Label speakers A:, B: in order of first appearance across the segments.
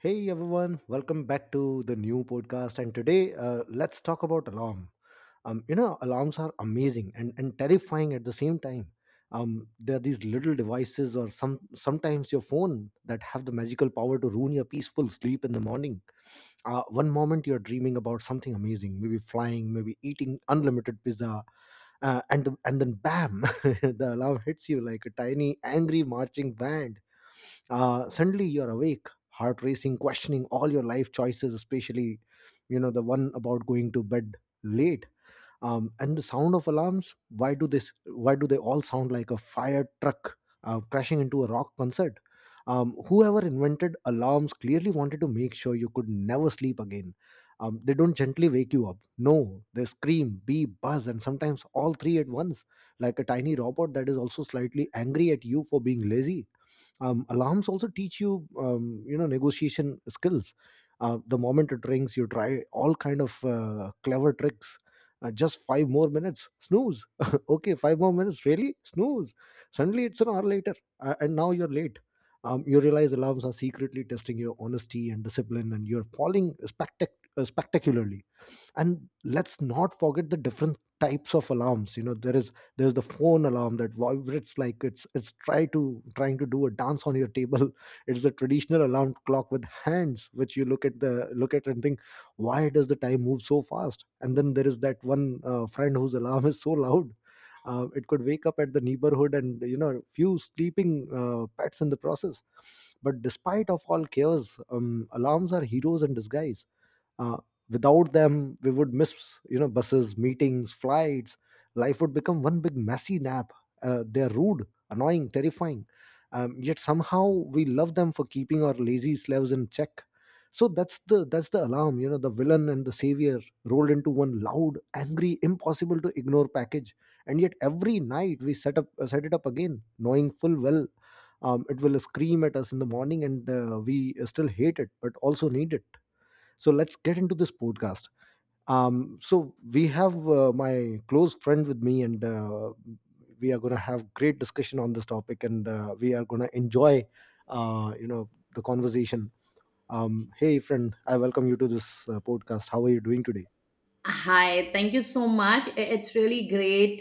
A: Hey everyone, welcome back to the new podcast. And today, let's talk about alarm. You know, alarms are amazing and terrifying at the same time. There are these little devices, or sometimes your phone, that have the magical power to ruin your peaceful sleep in the morning. One moment you're dreaming about something amazing, maybe flying, maybe eating unlimited pizza. And then bam, the alarm hits you like a tiny angry marching band. Suddenly you're awake, heart racing, questioning all your life choices, especially you know the one about going to bed late. And the sound of alarms, why do this, why do they all sound like a fire truck crashing into a rock concert? Whoever invented alarms clearly wanted to make sure you could never sleep again. They don't gently wake you up. No, they scream, beep, buzz, and sometimes all three at once, like a tiny robot that is also slightly angry at you for being lazy. Alarms also teach you, you know, negotiation skills. The moment it rings, you try all kind of clever tricks. Just five more minutes, snooze. Okay, five more minutes, really, snooze. Suddenly it's an hour later and now you're late. You realize alarms are secretly testing your honesty and discipline, and you're falling spectacularly. And let's not forget the different types of alarms. You know, there's the phone alarm that vibrates like it's trying to do a dance on your table. It's the traditional alarm clock with hands, which you look at and think, why does the time move so fast? And then there is that one friend whose alarm is so loud it could wake up at the neighborhood and, you know, few sleeping pets in the process. But despite of all chaos, alarms are heroes in disguise. uh, Without them, we would miss, you know, buses, meetings, flights. Life would become one big messy nap. They're rude, annoying, terrifying, yet somehow we love them for keeping our lazy slaves in check. So that's the alarm, you know, the villain and the savior rolled into one loud, angry, impossible to ignore package. And yet every night we set it up again, knowing full well it will scream at us in the morning, and we still hate it but also need it. So let's get into this podcast. So we have my close friend with me, and we are going to have great discussion on this topic, and we are going to enjoy, uh, you know, the conversation. Hey, friend, I welcome you to this podcast. How are you doing today?
B: Hi, thank you so much. It's really great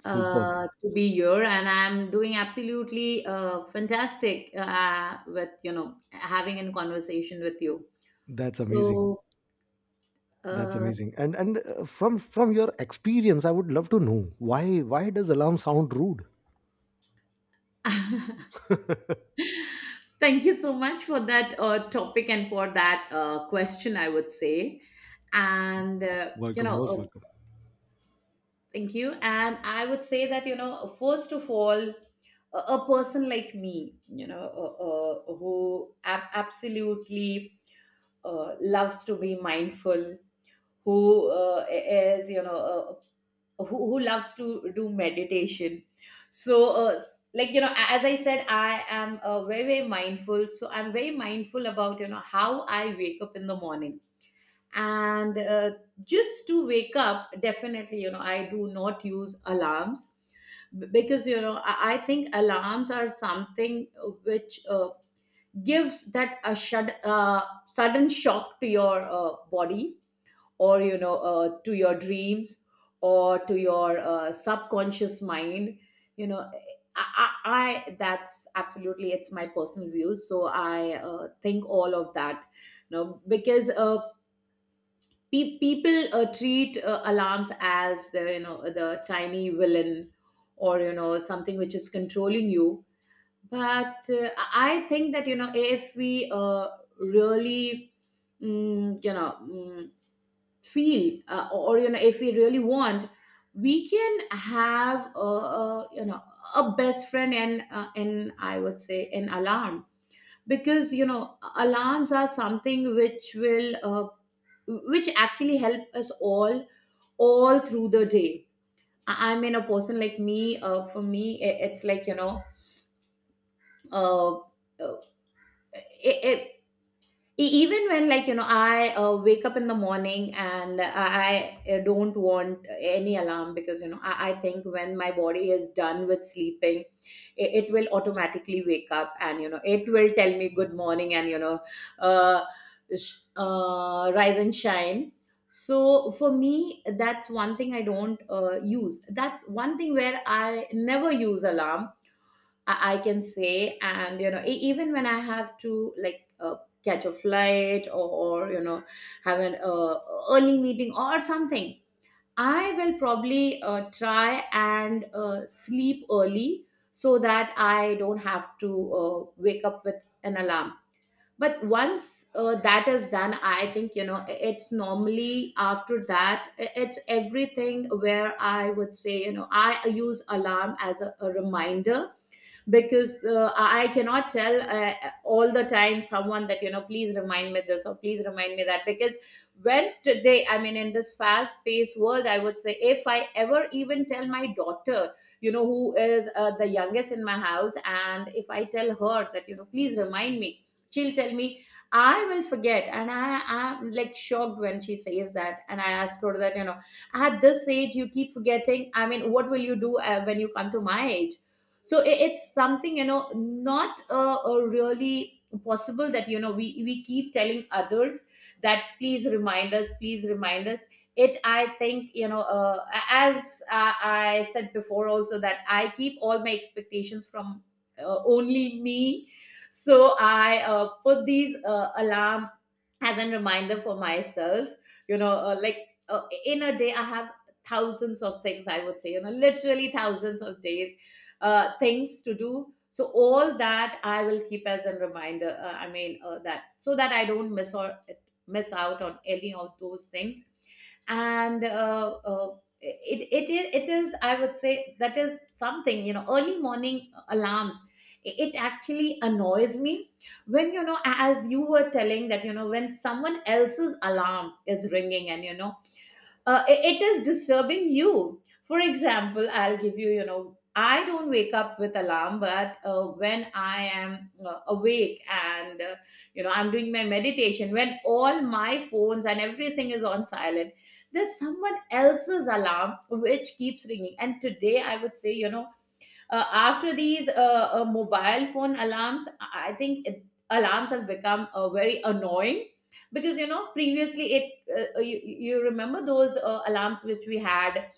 A: Superb.
B: to be here, and I'm doing absolutely fantastic with having a conversation with you.
A: That's amazing.
B: So,
A: That's
B: uh,
A: amazing. And from your experience, I would love to know, why does alarm sound rude?
B: thank you so much for that topic and for that question, I would say. And
A: Welcome, most welcome.
B: thank you. And I would say that, you know, first of all, a person like me, who absolutely loves to be mindful, who is, who loves to do meditation. So, like, you know, as I said, I am very, very mindful. So I'm very mindful about, you know, how I wake up in the morning, and just to wake up definitely. I do not use alarms. Because I think alarms are something which gives that a sudden shock to your body, or to your dreams, or to your subconscious mind you know I, I, I That's absolutely, it's my personal views, so I think all of that, you know, because people treat alarms as the tiny villain, or you know, something which is controlling you. But I think that, you know, if we really mm, you know mm, feel, or you know, if we really want, we can have a you know a best friend, and and I would say an alarm, because you know, alarms are something which will which actually help us all through the day. I mean a person like me, for me, it's like, uh, uh, i i even when, like, I wake up in the morning, and I don't want any alarm because, you know, I think when my body is done with sleeping, it will automatically wake up, and you know, it will tell me good morning, and uh, rise and shine. So for me, that's one thing I don't use. That's one thing where I never use alarm, I can say. And you know, even when I have to, like, catch a flight, or you know, have an early meeting or something, I will probably try and sleep early so that I don't have to wake up with an alarm. But once that is done, I think, you know, it's normally after that, it's everything where I would say, you know, I use alarm as a reminder. Because I cannot tell all the time someone that, you know, please remind me this or please remind me that. Because when today, I mean, in this fast paced world, I would say if I ever even tell my daughter, you know, who is the youngest in my house, and if I tell her that, you know, please remind me, she'll tell me, I will forget. And I am, like, shocked when she says that, and I ask her that, you know, at this age, you keep forgetting. I mean, what will you do when you come to my age? So it's something, you know, not really possible that, you know, we keep telling others that please remind us, please remind us. It, I think, you know, as I said before also, that I keep all my expectations from only me. So I put these alarm as a reminder for myself, you know, like, in a day, I have thousands of things, I would say, you know, literally thousands of days, things to do. So all that I will keep as a reminder, I mean, that, so that I don't miss or miss out on any of those things. And it, it is it is, I would say that is something, you know, early morning alarms, it actually annoys me, when you know, as you were telling, that, you know, when someone else's alarm is ringing, and you know, it is disturbing you. For example, I'll give you, you know, I don't wake up with alarm, but when I am awake and you know, I'm doing my meditation, when all my phones and everything is on silent, there's someone else's alarm which keeps ringing. And today I would say, you know, after these mobile phone alarms, I think it, alarms have become very annoying. Because you know, previously it, you remember those alarms which we had,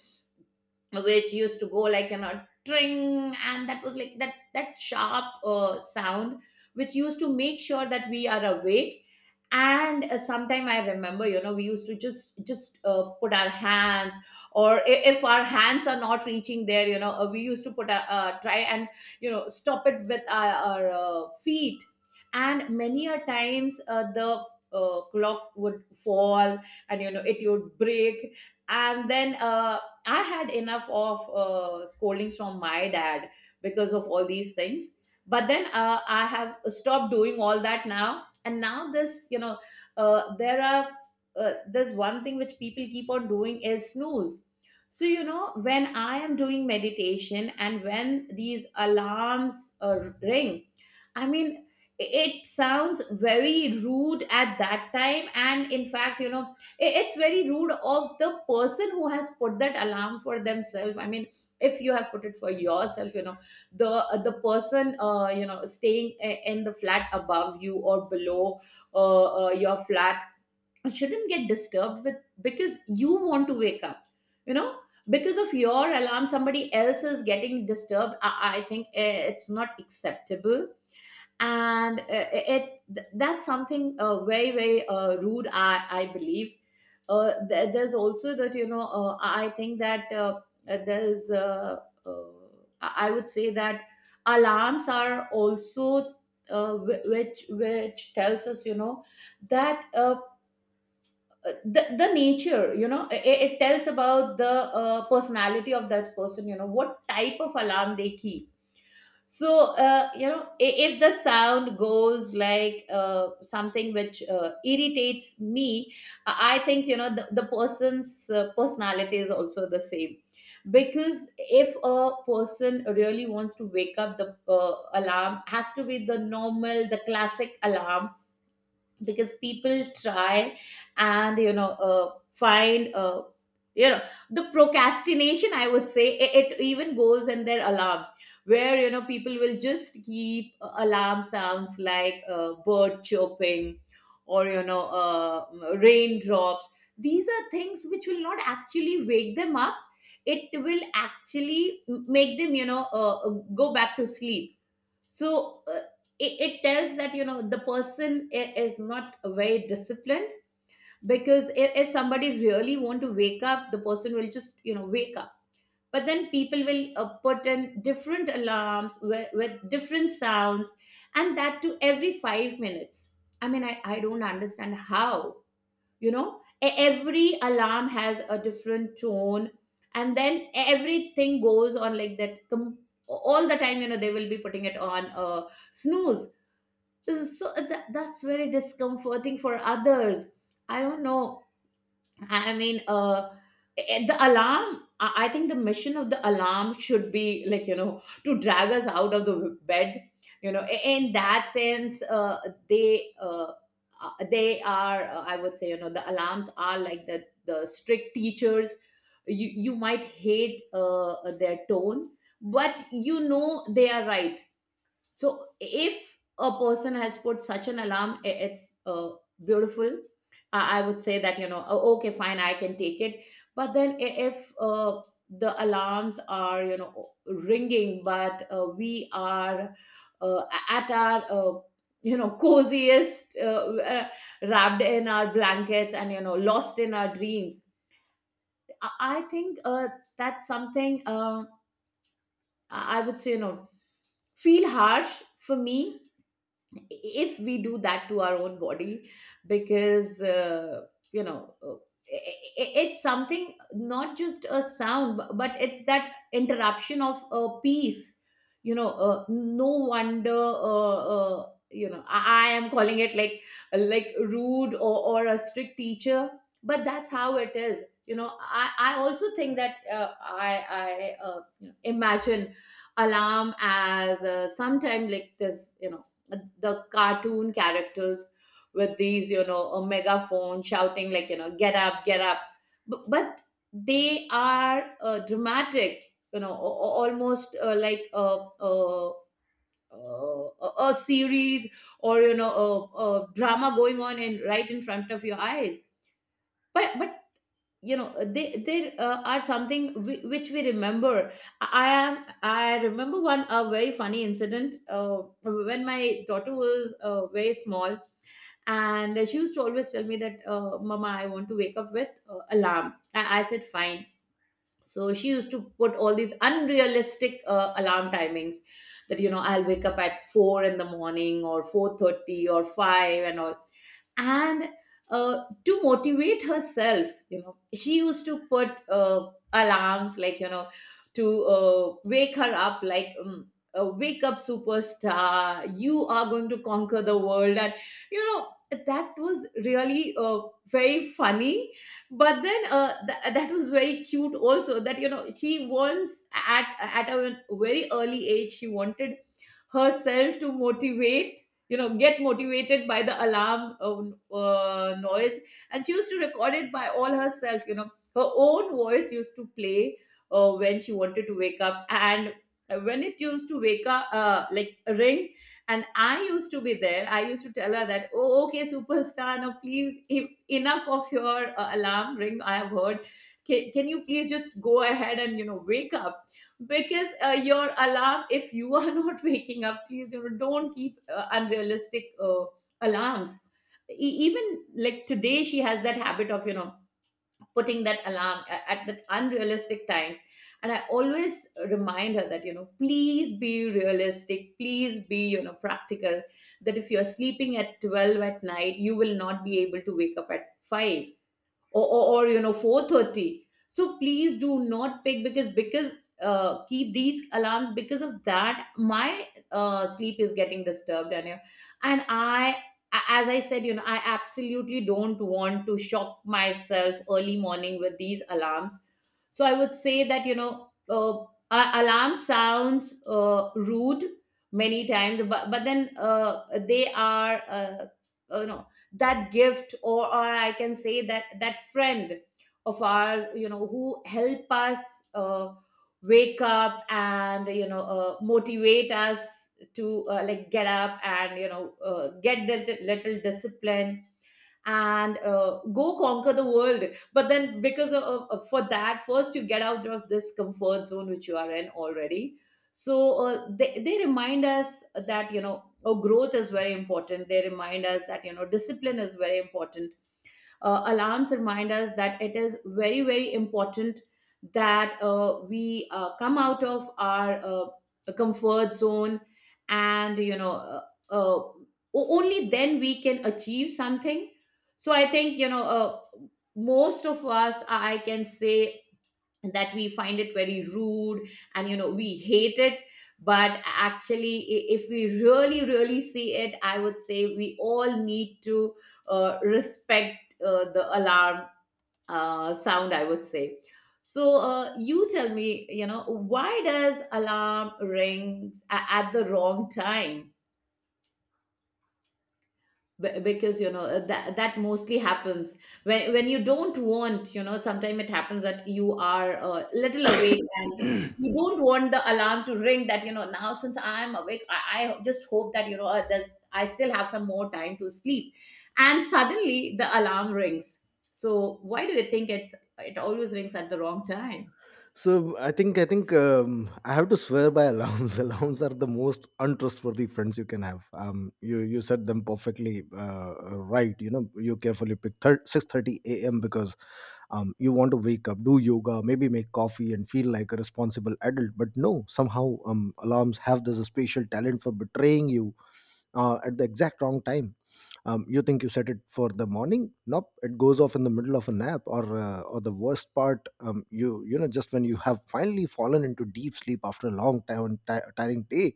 B: which used to go like, you know, tring, and that was like that, that sharp sound, which used to make sure that we are awake. And sometime I remember, you know, we used to just put our hands, or if our hands are not reaching there, you know, we used to put a try, and you know, stop it with our feet. And many a times, the clock would fall, and you know, it would break. And then I had enough of scoldings from my dad because of all these things. But then I have stopped doing all that now. And now this, you know, there are there's one thing which people keep on doing is snooze. So you know, when I am doing meditation, and when these alarms ring, I mean, it sounds very rude at that time. And in fact, you know, it's very rude of the person who has put that alarm for themselves. I mean, if you have put it for yourself, you know, the person, you know, staying in the flat above you, or below your flat, shouldn't get disturbed with, because you want to wake up, you know. Because of your alarm, somebody else is getting disturbed. I think it's not acceptable, and that's something very very rude, I believe. There's also that, you know, I think that, there's uh, I would say that alarms are also, which which tells us, you know, that, the nature, you know, it tells about the personality of that person, you know, what type of alarm they keep. So you know, if the sound goes like something which irritates me, I think, you know, the person's personality is also the same. Because if a person really wants to wake up, the alarm has to be the normal, the classic alarm. Because people try, and you know, find, you know the procrastination, I would say it even goes in their alarm, where you know, people will just keep alarm sounds like bird chirping, or you know, raindrops. These are things which will not actually wake them up, it will actually make them, you know, go back to sleep. So it tells that, you know, the person is not very disciplined. Because if somebody really want to wake up, the person will just, you know, wake up. But then people will put in different alarms with different sounds, and that to every 5 minutes. I mean, I don't understand how, you know, every alarm has a different tone, and then everything goes on like that, all the time, you know, they will be putting it on snooze. This is so that, that's very discomforting for others. I don't know. I mean, the alarm. I think the mission of the alarm should be, like, you know, to drag us out of the bed. You know, in that sense, they uh, they are. I would say, you know, the alarms are like the strict teachers. You might hate their tone, but you know, they are right. So if a person has put such an alarm, it's beautiful. I would say that, you know, "Oh, okay, fine, I can take it. But then if the alarms are, you know, ringing, but we are uh, at our you know, coziest, wrapped in our blankets and, you know, lost in our dreams, I, I think that's something I would say, you know, feel harsh for me if we do that to our own body because you know uh, it's something not just a sound but it's that interruption of a peace. You know, no wonder you know I am calling it like rude or a strict teacher, but that's how it is. You know I also think that I you know, imagine alarm as sometime like this, you know, the cartoon characters with these, you know, a megaphone shouting like, you know, get up, get up. But they are dramatic, you know, almost like a, a series, or you know, a drama going on in right in front of your eyes. But you know, they there are something which we remember. I remember one a very funny incident when my daughter was very small, and she used to always tell me that mama, I want to wake up with alarm, and I said fine. So she used to put all these unrealistic alarm timings, that you know I'll wake up at 4 in the morning or 4:30 or 5 and all. And to motivate herself, you know, she used to put alarms like, you know, to wake her up like wake up superstar, you are going to conquer the world. And you know that was really very funny. But then that was very cute also, that you know, she once at a very early age, she wanted herself to motivate, you know, get motivated by the alarm noise. And she used to record it by all herself, you know, her own voice used to play when she wanted to wake up. And when it used to wake up like ring, and I used to be there, I used to tell her that, oh, okay superstar, now please enough of your alarm ring, I have heard. Can you please just go ahead and, you know, wake up, because your alarm if you are not waking up, please, you know, don't keep unrealistic alarms. Even like today, she has that habit of, you know, putting that alarm at that unrealistic times. And I always remind her that, you know, please be realistic, please be, you know, practical, that if you're sleeping at 12 at night, you will not be able to wake up at 5, or you know, 4:30. So please do not pick because keep these alarms, because of that my sleep is getting disturbed. And I, as I said, you know, I absolutely don't want to shock myself early morning with these alarms. So I would say that, you know, alarm sounds rude many times. But then they are no that gift, or I can say that that friend of ours, you know, who help us wake up, and you know motivate us to like get up, and you know get the little discipline, and go conquer the world. But then because of- for that, first you get out of this comfort zone which you are in already. So they remind us that, you know, oh, growth is very important. They remind us that, you know, discipline is very important. Alarms remind us that it is very, very important that we come out of our comfort zone. And you know, uh, o- only then we can achieve something. So I think, you know, most of us, I can say, that we find it very rude, and you know, we hate it. But actually if we really, really see it, I would say we all need to respect the alarm sound, I would say. So you tell me, you know, why does alarm rings at the wrong time? Because you know that that mostly happens, when you don't want. You know sometimes it happens that you are a little awake, and you don't want the alarm to ring, that you know, now since I'm awake, I just hope that, you know, there's I still have some more time to sleep, and suddenly the alarm rings. So why do you think it's it always rings at the wrong time?
A: So I think, I have to swear by alarms. Alarms are the most untrustworthy friends you can have. You you said them perfectly, right. You know, you carefully pick 6:30 a.m. because you want to wake up, do yoga, maybe make coffee, and feel like a responsible adult. But no, somehow alarms have this special talent for betraying you at the exact wrong time. You think you set it for the morning? Nope, it goes off in the middle of a nap, or the worst part, you know, just when you have finally fallen into deep sleep after a long time and ti tiring day,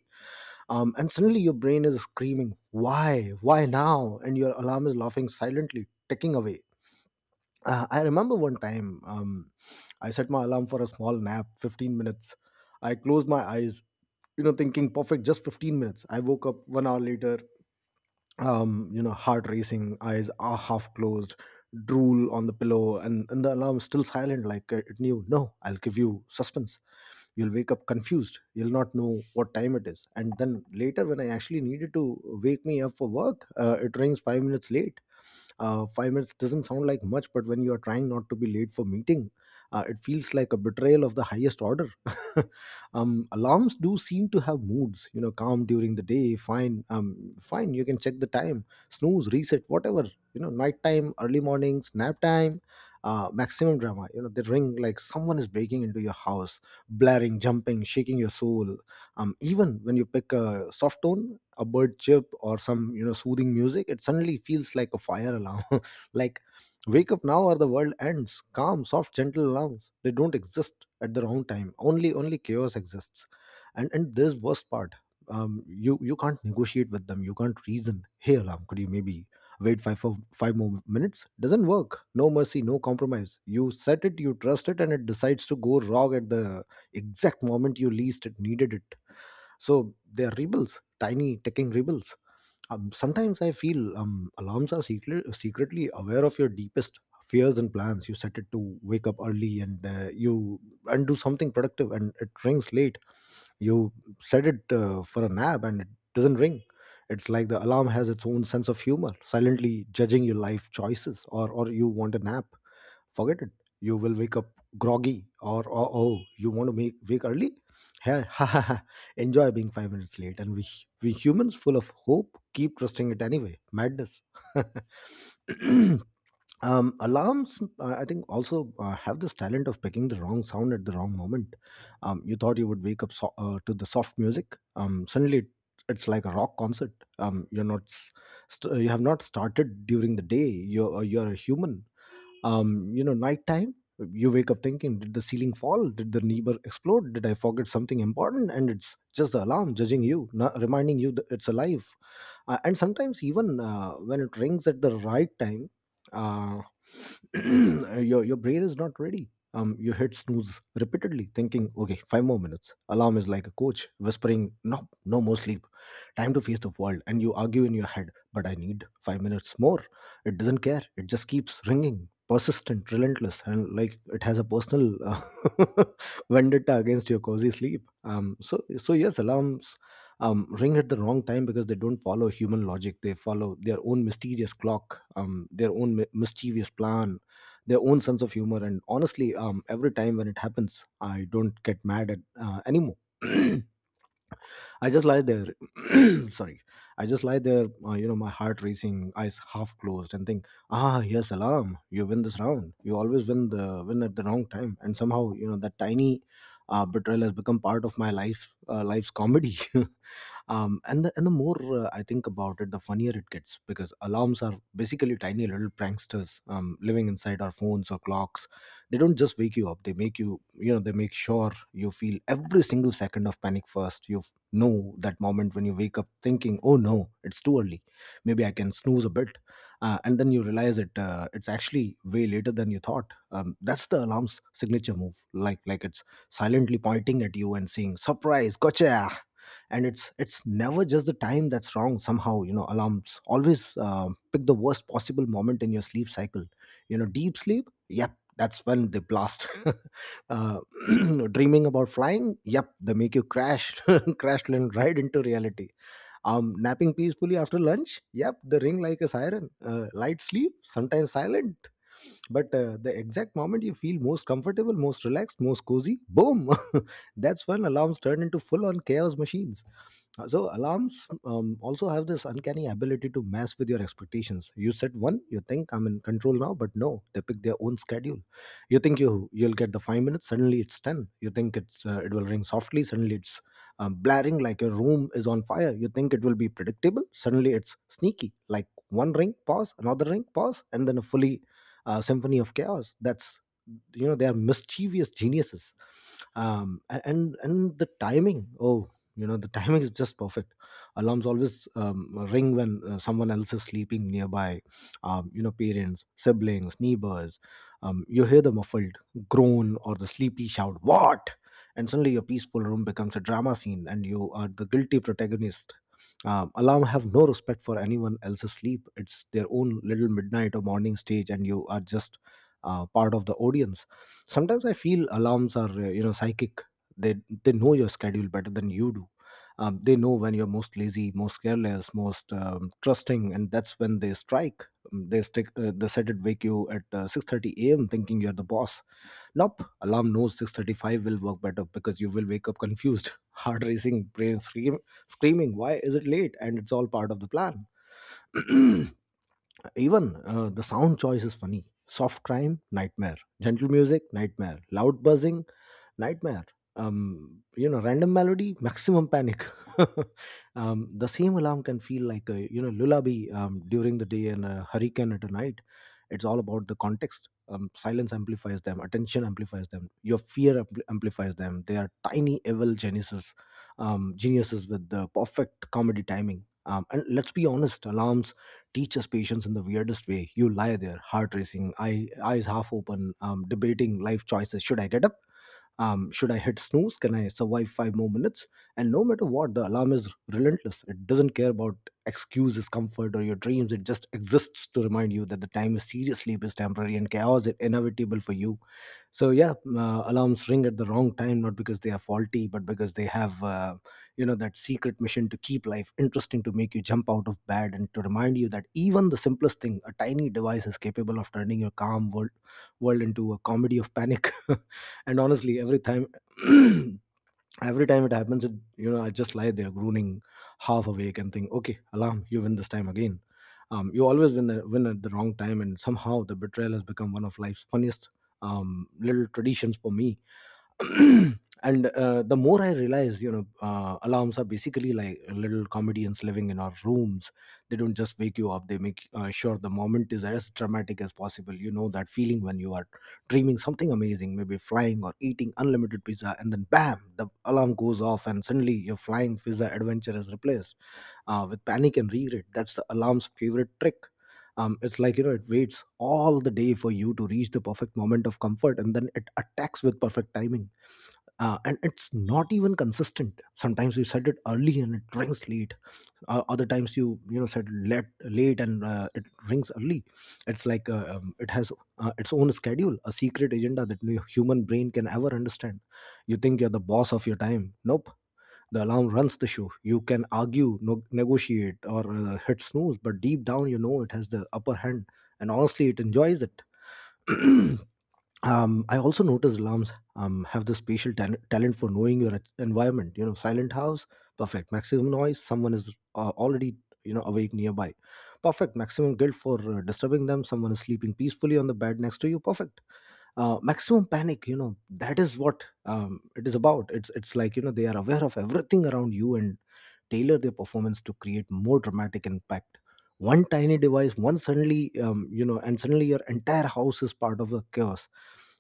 A: and suddenly your brain is screaming, "Why? Why now?" And your alarm is laughing silently, ticking away. I remember one time, I set my alarm for a small nap, 15 minutes. I closed my eyes, you know, thinking perfect, just 15 minutes. I woke up one hour later, you know, heart racing, eyes are half closed, drool on the pillow, and the alarm still silent like it knew. No, I'll give you suspense. You'll wake up confused. You'll not know what time it is. And then later, when I actually needed to wake me up for work, it rings 5 minutes late. 5 minutes doesn't sound like much, but when you are trying not to be late for meeting, it feels like a betrayal of the highest order. Alarms do seem to have moods. You know, calm during the day, fine. Fine, you can check the time, snooze, reset, whatever. You know, nighttime, early mornings, nap time, maximum drama. You know, they ring like someone is breaking into your house, blaring, jumping, shaking your soul. Even when you pick a soft tone, a bird chirp or some, you know, soothing music, it suddenly feels like a fire alarm. Like, wake up now or the world ends. Calm, soft, gentle alarms, they don't exist at the wrong time. Only chaos exists. And there's worst part. You you can't negotiate with them. You can't reason. Hey alarm, could you maybe wait five for five more minutes? Doesn't work. No mercy, no compromise. You set it, you trust it, and it decides to go wrong at the exact moment you least it needed it. So they are rebels, tiny ticking rebels. Sometimes I feel secretly aware of your deepest fears and plans. You set it to wake up early and you and do something productive, and it rings late. You set it for a nap, and it doesn't ring. It's like the alarm has its own sense of humor, silently judging your life choices. Or you want a nap? Forget it. You will wake up groggy. Or oh, oh, you want to make wake early? Hey, ha ha ha. Enjoy being 5 minutes late. And we humans, full of hope, keep trusting it anyway. Madness. Alarms, I think, also have this talent of picking the wrong sound at the wrong moment. You thought you would wake up to the soft music. Suddenly, it- it's like a rock concert. Um, you're not, s- you have not started during the day. You're a human. You know, nighttime, you wake up thinking, did the ceiling fall? Did the neighbor explode? Did I forget something important? And it's just the alarm judging you, not reminding you that it's alive. And sometimes even when it rings at the right time, uh, your brain is not ready. You hit snooze repeatedly thinking, okay, five more minutes. Alarm is like a coach whispering, no, no more sleep, time to face the world. And you argue in your head, but I need 5 minutes more. It doesn't care, it just keeps ringing, persistent, relentless, and like it has a personal vendetta against your cozy sleep. So so yes, alarms ring at the wrong time because they don't follow human logic. They follow their own mysterious clock, their own mischievous plan, their own sense of humor. And honestly, every time when it happens, I don't get mad at anymore. I just lie there. Sorry, I just lie there. You know, my heart racing, eyes half closed, and think, ah, yes, alarm! You win this round. You always win at the wrong time, and somehow, you know, that tiny betrayal has become part of life's comedy. And the more I think about it, the funnier it gets, because alarms are basically tiny little pranksters, living inside our phones or clocks. They don't just wake you up, they make you you know they make sure you feel every single second of panic. First, you know that moment when you wake up thinking, oh no, it's too early, maybe I can snooze a bit. And then you realize it's actually way later than you thought. That's the alarm's signature move, like it's silently pointing at you and saying, surprise, gotcha. And it's never just the time that's wrong, somehow, you know, alarms always pick the worst possible moment in your sleep cycle. You know, deep sleep, yep, that's when they blast. uh, dreaming about flying, yep, they make you crash, crash land right into reality. Um napping peacefully after lunch, yep, they ring like a siren. Light sleep, sometimes silent. But the exact moment you feel most comfortable, most relaxed, most cozy, boom. That's when alarms turn into full on chaos machines. So alarms also have this uncanny ability to mess with your expectations. You set one, you think I'm in control now, but no, they pick their own schedule. You think you'll get the 5 minutes, suddenly it's ten. You think it will ring softly, suddenly it's blaring like your room is on fire. You think it will be predictable, suddenly it's sneaky, like one ring, pause, another ring, pause, and then a fully symphony of chaos. That's, you know, they are mischievous geniuses. And the timing, oh, you know, the timing is just perfect. Alarms always ring when someone else is sleeping nearby. You know, parents, siblings, neighbors. You hear the muffled groan or the sleepy shout, what? And suddenly your peaceful room becomes a drama scene and you are the guilty protagonist. Alarm have no respect for anyone else's sleep. It's their own little midnight or morning stage and you are just part of the audience. Sometimes I feel alarms are, you know, psychic. They they know your schedule better than you do. They know when you're most lazy, most careless, most trusting, and that's when they strike. They set it, wake you at 6:30 a.m. thinking you're the boss. Nope, alarm knows 6:35 will work better because you will wake up confused, heart racing, brain screaming why is it late, and it's all part of the plan. Even the sound choice is funny. Soft crime, nightmare. Gentle music, nightmare. Loud buzzing, nightmare. You know, random melody, maximum panic. The same alarm can feel like, a you know, lullaby during the day and a hurricane at a night. It's all about the context. Silence amplifies them, attention amplifies them, your fear amplifies them. They are tiny evil geniuses, geniuses with the perfect comedy timing. And let's be honest, alarms teach us patience in the weirdest way. You lie there, heart racing, eyes half open, debating life choices. Should I get up, should I hit snooze? Can I survive five more minutes? And no matter what, the alarm is relentless. It doesn't care about excuses, comfort, or your dreams. It just exists to remind you that the time is serious, sleep is temporary, and chaos is inevitable for you. So yeah, alarms ring at the wrong time, not because they are faulty, but because they have, you know, that secret mission to keep life interesting, to make you jump out of bed, and to remind you that even the simplest thing, a tiny device, is capable of turning your calm world into a comedy of panic. And honestly, every time, every time it happens, it, you know, I just lie there groaning, half awake, and think, okay alarm, you win this time again. You always win at the wrong time, and somehow the betrayal has become one of life's funniest little traditions for me. And the more I realized, you know, alarms are basically like little comedians living in our rooms. They don't just wake you up, they make sure the moment is as dramatic as possible. You know that feeling when you are dreaming something amazing, maybe flying or eating unlimited pizza, and then bam, the alarm goes off and suddenly your flying pizza adventure is replaced with panic and regret. That's the alarm's favorite trick. It's like, you know, it waits all the day for you to reach the perfect moment of comfort and then it attacks with perfect timing. And it's not even consistent. Sometimes you set it early and it rings late, other times you, you know, set late and it rings early. It's like, it has its own schedule, a secret agenda that no human brain can ever understand. You think you're the boss of your time, nope, the alarm runs the show. You can argue, negotiate, or hit snooze, but deep down you know it has the upper hand. And honestly, it enjoys it. I also noticed alarms have the spatial talent for knowing your environment. You know, silent house, perfect. Maximum noise, someone is already, you know, awake nearby. Perfect. Maximum guilt for disturbing them. Someone is sleeping peacefully on the bed next to you. Perfect. Maximum panic. You know, that is what it is about. It's like, you know, they are aware of everything around you and tailor their performance to create more dramatic impact. One tiny device, one suddenly, you know, and suddenly your entire house is part of the chaos.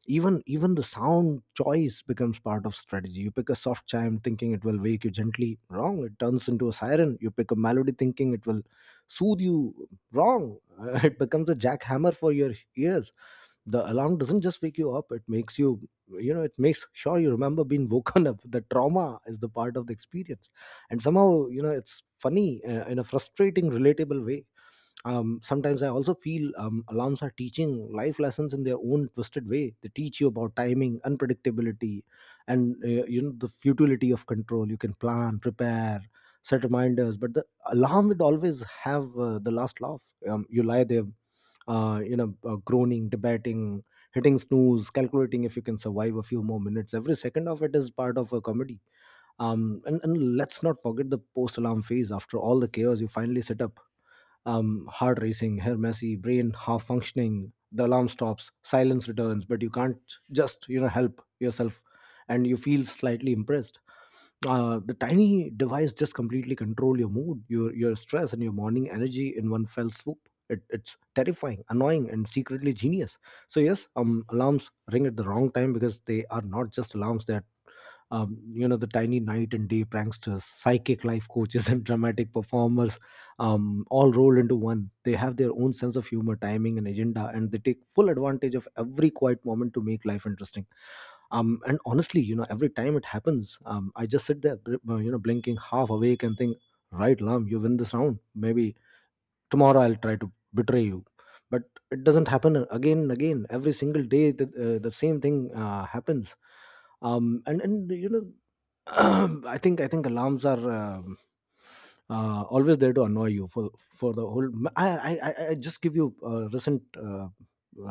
A: Even the sound choice becomes part of strategy. You pick a soft chime thinking it will wake you gently, wrong, it turns into a siren. You pick a melody thinking it will soothe you, wrong, it becomes a jackhammer for your ears. The alarm doesn't just wake you up, it makes you you know it makes sure you remember being woken up. The trauma is the part of the experience, and somehow, you know, it's funny in a frustrating, relatable way. Sometimes I also feel alarms are teaching life lessons in their own twisted way. They teach you about timing, unpredictability, and, you know, the futility of control. You can plan, prepare, set reminders, but the alarm would always have the last laugh. You lie there, groaning, debating, hitting snooze, calculating if you can survive a few more minutes. Every second of it is part of a comedy. And let's not forget the post alarm phase. After all the chaos, you finally sit up, heart racing, hair messy, brain half functioning, the alarm stops, silence returns, but you can't just, you know, help yourself, and you feel slightly impressed. The tiny device just completely control your mood, your stress, and your morning energy in one fell swoop. It's terrifying, annoying, and secretly genius. So yes, alarms ring at the wrong time because they are not just alarms, they you know, the tiny night and day pranksters, psychic life coaches, and dramatic performers, all rolled into one. They have their own sense of humor, timing, and agenda, and they take full advantage of every quiet moment to make life interesting. And honestly, you know, every time it happens, I just sit there, you know, blinking, half awake, and think, right lam, you win this round, maybe tomorrow I'll try to betray you. But it doesn't happen again and again, every single day, the same thing happens. And you know, I think alarms are, always there to annoy you for the whole. I just give you a recent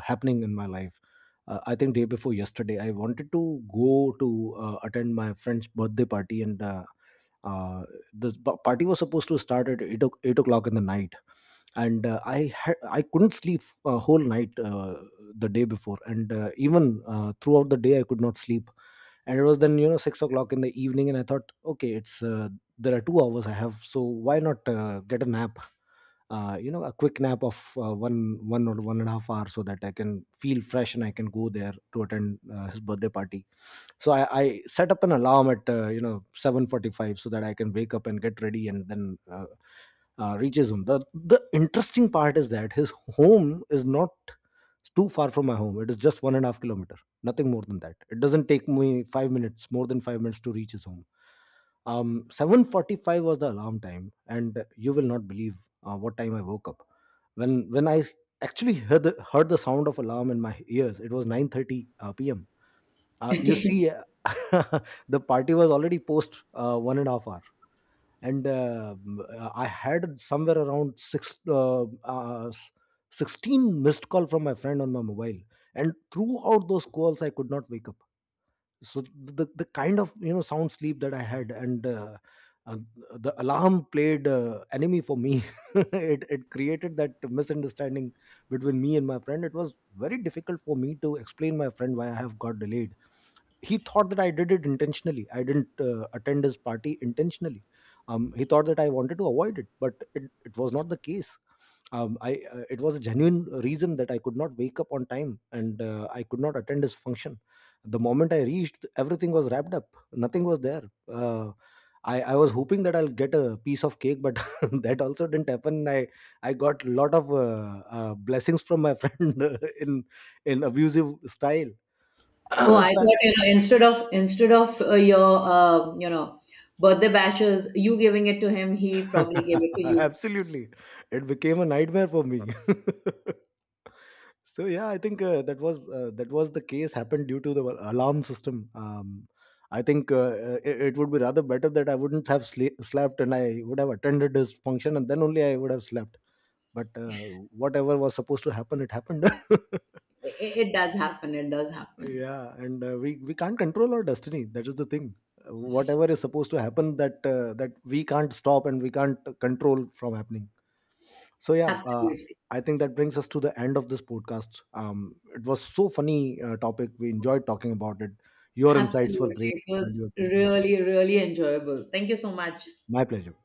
A: happening in my life. I think day before yesterday, I wanted to go to attend my friend's birthday party, and uh, the party was supposed to start at 8 o'clock in the night, and I had, I couldn't sleep a whole night, the day before, and even throughout the day I could not sleep. And it was then, you know, 6 o'clock in the evening and I thought, okay, it's there are 2 hours I have, so why not get a nap, you know, a quick nap of one or one and a half hour, so that I can feel fresh and I can go there to attend his birthday party. So I set up an alarm at you know, 7:45, so that I can wake up and get ready and then reaches him. The interesting part is that his home is not too far from my home. It is just one and a half kilometer, nothing more than that. It doesn't take me more than 5 minutes to reach his home. 7:45 was the alarm time, and you will not believe what time I woke up. When I actually heard heard the sound of alarm in my ears, it was 9:30 p.m. You
B: Okay.
A: see, the party was already post one and a half hour, and I had somewhere around 16 missed call from my friend on my mobile, and throughout those calls I could not wake up. So the kind of, you know, sound sleep that I had, and uh, the alarm played enemy for me. It created that misunderstanding between me and my friend. It was very difficult for me to explain my friend why I have got delayed. He thought that I did it intentionally, I didn't attend his party intentionally. He thought that I wanted to avoid it, but it was not the case. I it was a genuine reason that I could not wake up on time and I could not attend his function. The moment I reached, everything was wrapped up, nothing was there. uh, I was hoping that I'll get a piece of cake, but that also didn't happen. I got a lot of blessings from my friend in abusive style.
B: Oh, I
A: So- I-
B: thought, you know, instead of your you know, birthday bashes, you giving it to him, he probably gave it to you.
A: Absolutely, it became a nightmare for me. So yeah, I think that was the case happened due to the alarm system. I think, it would be rather better that I wouldn't have slept and I would have attended his function and then only I would have slept. But whatever was supposed to happen, it happened.
B: It does happen. It does happen.
A: Yeah, and we can't control our destiny. That is the thing. Whatever is supposed to happen, that we can't stop and we can't control from happening. So yeah,
B: Absolutely.
A: I think that brings us to the end of this podcast. It was so funny topic. We enjoyed talking about it. Your insights were
B: Absolutely.
A: great,
B: It was
A: valuable.
B: really, really enjoyable. Thank you so much.
A: My pleasure.